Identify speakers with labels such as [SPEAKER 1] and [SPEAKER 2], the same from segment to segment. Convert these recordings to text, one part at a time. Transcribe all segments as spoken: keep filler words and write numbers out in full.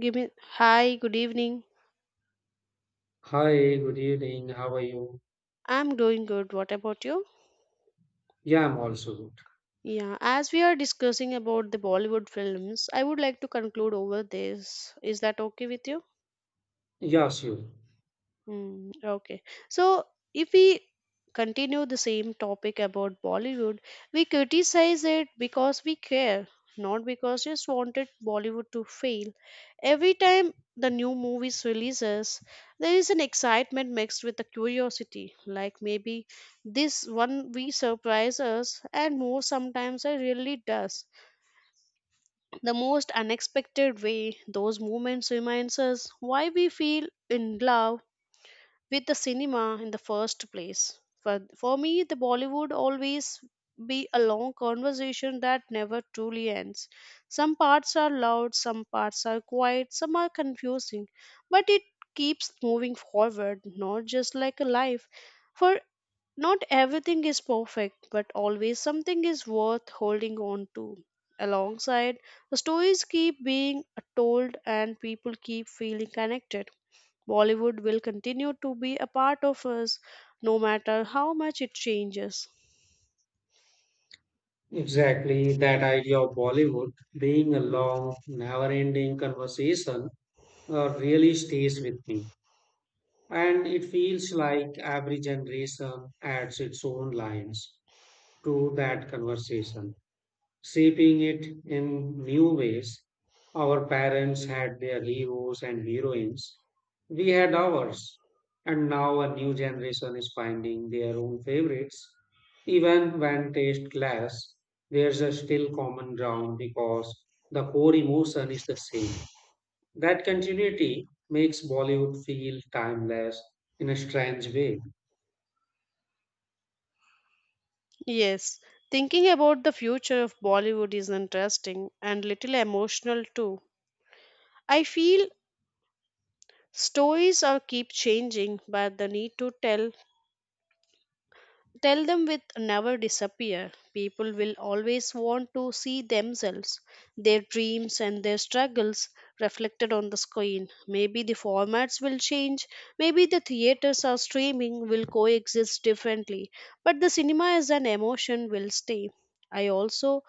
[SPEAKER 1] Give me hi, good evening.
[SPEAKER 2] Hi, good evening. How are you?
[SPEAKER 1] I'm doing good. What about you?
[SPEAKER 2] Yeah, I'm also good.
[SPEAKER 1] Yeah, as we are discussing about the Bollywood films, I would like to conclude over this. Is that okay with you?
[SPEAKER 2] Yes, you.
[SPEAKER 1] Hmm, okay. So if we continue the same topic about Bollywood, we criticize it because we care, not because just wanted Bollywood to fail. Every time the new movies releases, there is an excitement mixed with the curiosity. Like maybe this one we surprise us, and more sometimes it really does. The most unexpected way, those moments reminds us why we feel in love with the cinema in the first place. For, for me, the Bollywood always be a long conversation that never truly ends. Some parts are loud, some parts are quiet, some are confusing, but it keeps moving forward, not just like a life. For not everything is perfect, but always something is worth holding on to. Alongside, the stories keep being told and people keep feeling connected. Bollywood will continue to be a part of us no matter how much it changes.
[SPEAKER 2] Exactly. That idea of Bollywood being a long, never ending conversation uh, really stays with me. And it feels like every generation adds its own lines to that conversation, shaping it in new ways. Our parents had their heroes and heroines, we had ours, and now a new generation is finding their own favorites. Even when taste clash, there's a still common ground because the core emotion is the same. That continuity makes Bollywood feel timeless in a strange way.
[SPEAKER 1] Yes, thinking about the future of Bollywood is interesting and little emotional too. I feel stories are keep changing, but the need to tell Tell them with never disappear. People will always want to see themselves, their dreams and their struggles reflected on the screen. Maybe the formats will change, maybe the theaters or streaming will coexist differently, but the cinema as an emotion will stay. I also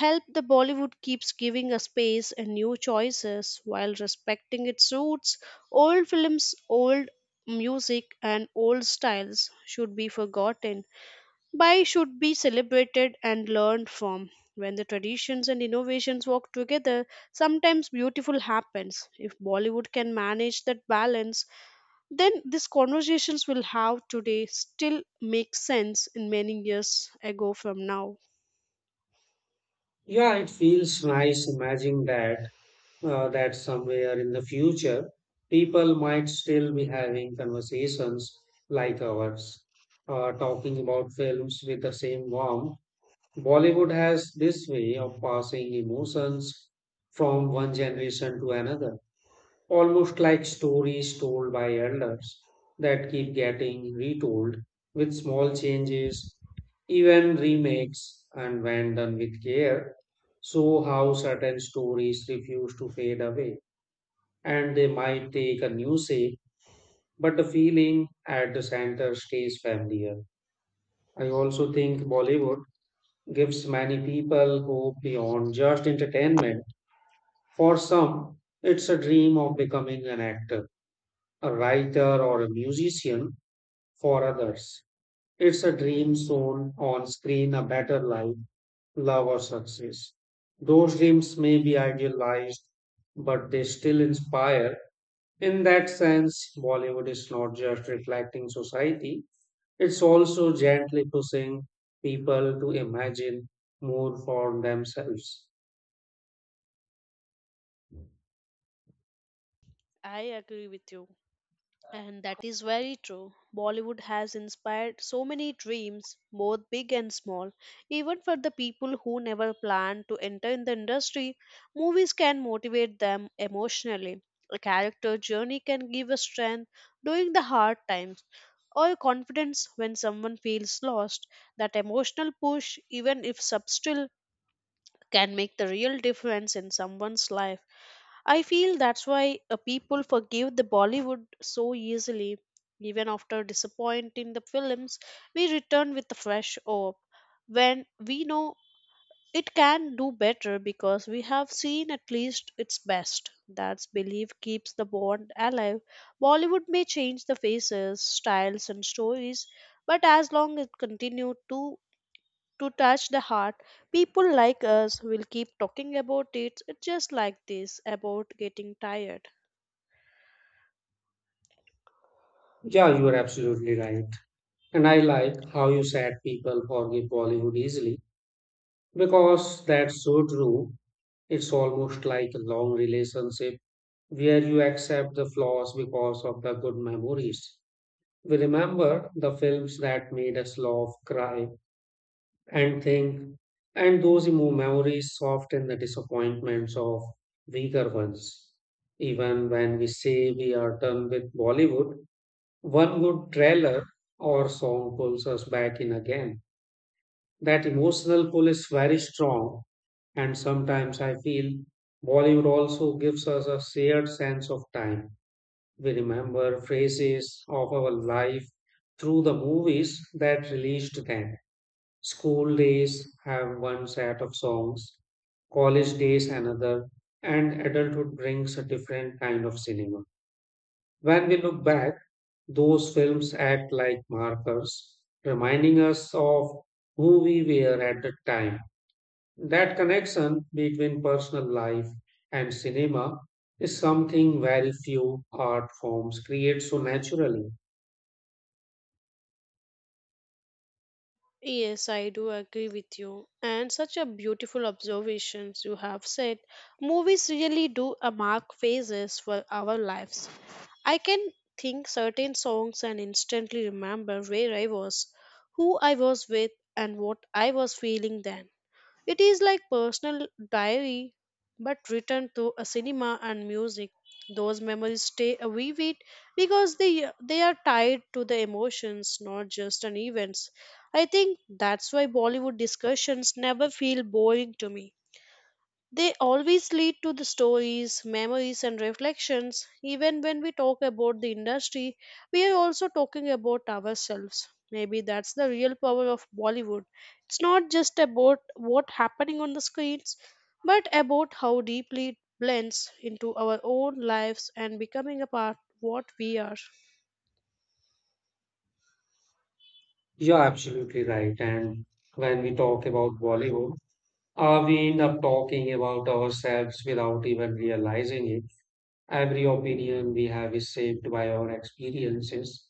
[SPEAKER 1] help the Bollywood keeps giving a space and new choices while respecting its roots, old films, old music and old styles should be forgotten Bai should be celebrated and learned from. When the traditions and innovations work together, sometimes beautiful happens. If Bollywood can manage that balance, then these conversations we'll have today still make sense in many years ago from now.
[SPEAKER 2] Yeah, it feels nice imagining that uh, that somewhere in the future, people might still be having conversations like ours, uh, talking about films with the same warmth. Bollywood has this way of passing emotions from one generation to another, almost like stories told by elders that keep getting retold with small changes, even remakes, and when done with care, so how certain stories refuse to fade away, and they might take a new shape, but the feeling at the center stays familiar. I also think Bollywood gives many people hope beyond just entertainment. For some, it's a dream of becoming an actor, a writer, or a musician. For others, it's a dream shown on screen, a better life, love, or success. Those dreams may be idealized, but they still inspire. In that sense, Bollywood is not just reflecting society, it's also gently pushing people to imagine more for themselves.
[SPEAKER 1] I agree with you. And that is very true. Bollywood has inspired so many dreams, both big and small. Even for the people who never planned to enter in the industry, movies can motivate them emotionally. A character journey can give a strength during the hard times or a confidence when someone feels lost. That emotional push, even if subtle, can make the real difference in someone's life. I feel that's why uh, people forgive the Bollywood so easily. Even after disappointing the films, we return with a fresh hope when we know it can do better because we have seen at least its best. That's belief keeps the bond alive. Bollywood may change the faces, styles, and stories, but as long as it continues to to touch the heart. People like us will keep talking about it just like this about getting tired.
[SPEAKER 2] Yeah, you are absolutely right. And I like how you said people forgive Bollywood easily because that's so true. It's almost like a long relationship where you accept the flaws because of the good memories. We remember the films that made us laugh, cry, and think, and those emo- memories soften the disappointments of weaker ones. Even when we say we are done with Bollywood, one good trailer or song pulls us back in again. That emotional pull is very strong, and sometimes I feel Bollywood also gives us a shared sense of time. We remember phases of our life through the movies that released them. School days have one set of songs, college days another, and adulthood brings a different kind of cinema. When we look back, those films act like markers, reminding us of who we were at the time. That connection between personal life and cinema is something very few art forms create so naturally.
[SPEAKER 1] Yes, I do agree with you. And such a beautiful observations you have said. Movies really do a mark phases for our lives. I can think certain songs and instantly remember where I was, who I was with, and what I was feeling then. It is like personal diary but written through a cinema and music. Those memories stay uh, vivid because they they are tied to the emotions, not just an events. I think that's why Bollywood discussions never feel boring to me. They always lead to the stories, memories, and reflections. Even when we talk about the industry, we are also talking about ourselves. Maybe that's the real power of Bollywood. It's not just about what happening on the screens, but about how deeply it blends into our own lives and becoming a part of what we are.
[SPEAKER 2] You're absolutely right. And when we talk about Bollywood, Uh, we end up talking about ourselves without even realizing it. Every opinion we have is shaped by our experiences,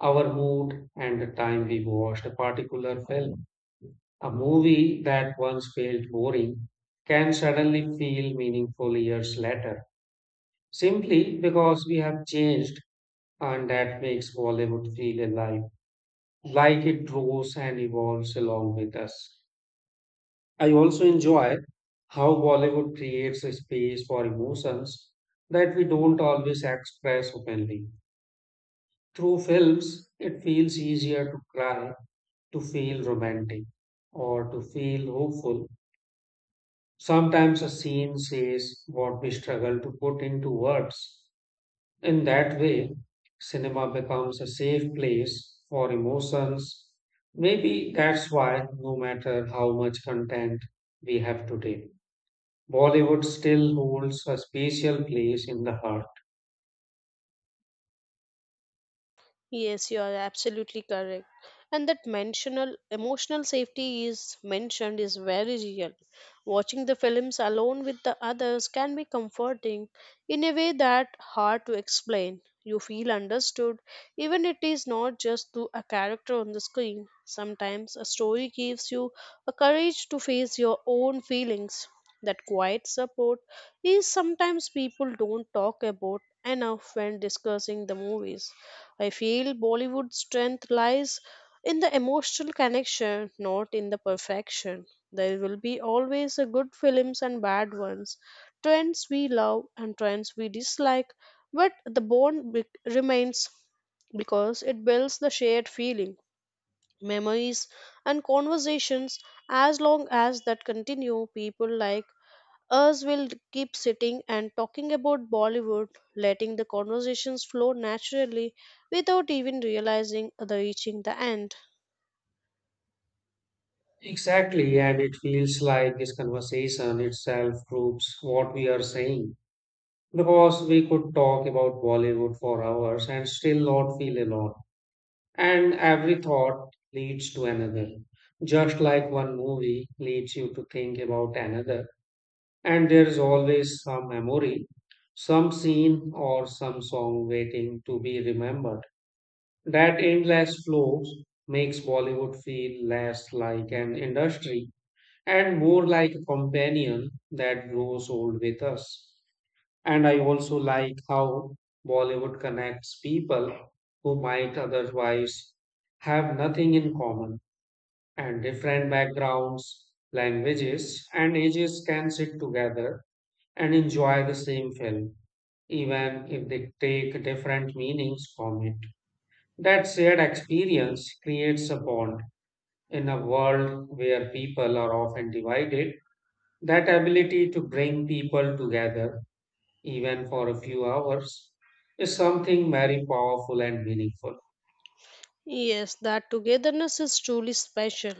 [SPEAKER 2] our mood, and the time we watched a particular film. A movie that once felt boring can suddenly feel meaningful years later, simply because we have changed, and that makes Bollywood feel alive, like it grows and evolves along with us. I also enjoy how Bollywood creates a space for emotions that we don't always express openly. Through films, it feels easier to cry, to feel romantic, or to feel hopeful. Sometimes a scene says what we struggle to put into words. In that way, cinema becomes a safe place for emotions. Maybe that's why, no matter how much content we have today, Bollywood still holds a special place in the heart.
[SPEAKER 1] Yes, you are absolutely correct. And that mentional emotional safety is mentioned is very real. Watching the films alone with the others can be comforting in a way that hard to explain. You feel understood, even it is not just to a character on the screen. Sometimes a story gives you a courage to face your own feelings. That quiet support is sometimes people don't talk about enough when discussing the movies. I feel Bollywood's strength lies in the emotional connection, not in the perfection. There will be always a good films and bad ones, trends we love and trends we dislike, but the bond be- remains because it builds the shared feeling, memories, and conversations. As long as that continue, people like us will keep sitting and talking about Bollywood, letting the conversations flow naturally without even realizing the reaching the end.
[SPEAKER 2] Exactly, and it feels like this conversation itself proves what we are saying, because we could talk about Bollywood for hours and still not feel alone. And every thought leads to another, just like one movie leads you to think about another. And there is always some memory, some scene, or some song waiting to be remembered. That endless flow makes Bollywood feel less like an industry and more like a companion that grows old with us. And I also like how Bollywood connects people who might otherwise have nothing in common, and different backgrounds, languages, and ages can sit together and enjoy the same film, even if they take different meanings from it. That shared experience creates a bond. In a world where people are often divided, that ability to bring people together, even for a few hours, is something very powerful and meaningful.
[SPEAKER 1] Yes, that togetherness is truly special.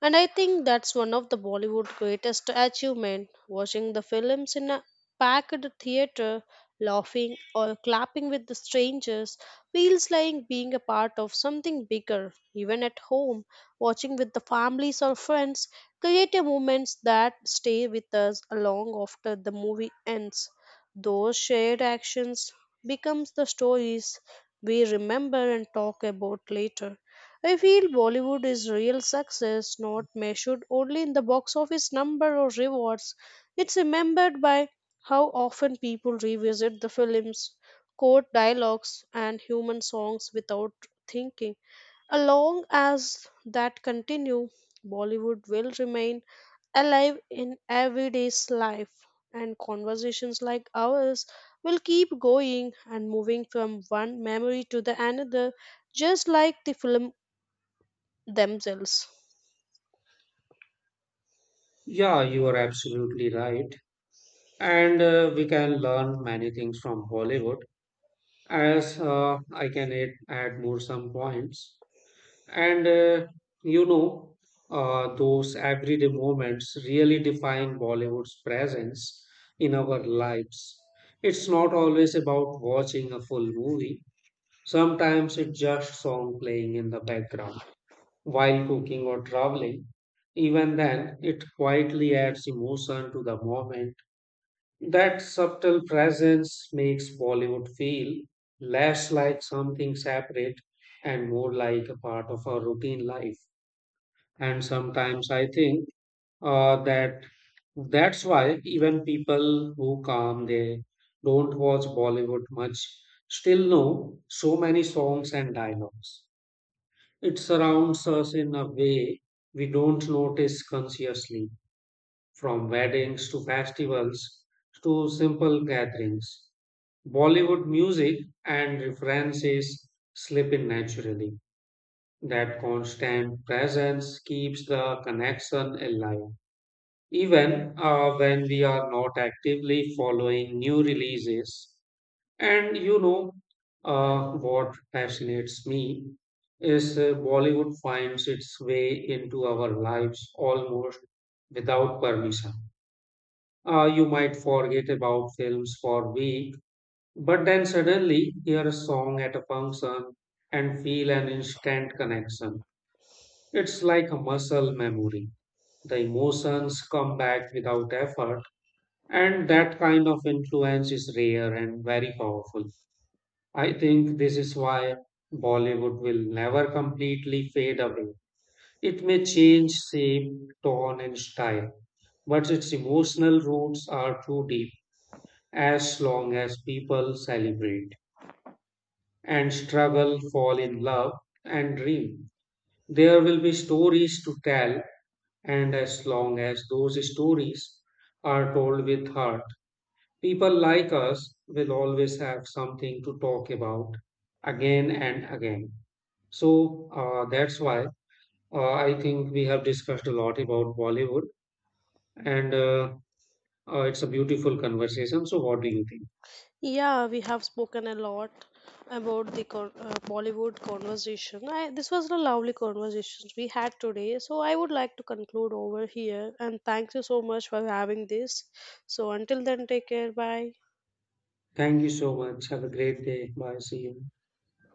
[SPEAKER 1] And I think that's one of the Bollywood's greatest achievement, watching the films in a packed theater, laughing or clapping with the strangers feels like being a part of something bigger. Even at home, watching with the families or friends create a moments that stay with us long after the movie ends. Those shared actions becomes the stories we remember and talk about later. I feel Bollywood is real success not measured only in the box office number or rewards. It's remembered by how often people revisit the films, quote dialogues, and human songs without thinking. As long as that continue, Bollywood will remain alive in everyday's life and conversations like ours will keep going and moving from one memory to the another, just like the film themselves.
[SPEAKER 2] Yeah, you are absolutely right. And uh, we can learn many things from Bollywood, as uh, I can add, add more some points. And uh, you know, uh, those everyday moments really define Bollywood's presence in our lives. It's not always about watching a full movie, sometimes it's just song playing in the background while cooking or traveling. Even then, it quietly adds emotion to the moment. That subtle presence makes Bollywood feel less like something separate and more like a part of our routine life. And sometimes I think uh, that that's why even people who come they don't watch Bollywood much still know so many songs and dialogues. It surrounds us in a way we don't notice consciously. From weddings to festivals to simple gatherings, Bollywood music and references slip in naturally. That constant presence keeps the connection alive, even uh, when we are not actively following new releases. And you know, uh, what fascinates me is uh, Bollywood finds its way into our lives almost without permission. Uh, you might forget about films for a week, but then suddenly hear a song at a function and feel an instant connection. It's like a muscle memory. The emotions come back without effort, and that kind of influence is rare and very powerful. I think this is why Bollywood will never completely fade away. It may change shape, tone, and style, but its emotional roots are too deep. As long as people celebrate and struggle, fall in love, and dream, there will be stories to tell, and as long as those stories are told with heart, people like us will always have something to talk about again and again. So uh, that's why uh, I think we have discussed a lot about Bollywood, and uh, uh, it's a beautiful conversation. So, what do you think?
[SPEAKER 1] Yeah, we have spoken a lot about the con- uh, Bollywood conversation. I, this was a lovely conversation we had today. So I would like to conclude over here and thank you so much for having this. So until then, take care. Bye.
[SPEAKER 2] Thank you so much. Have a great day. Bye. See you.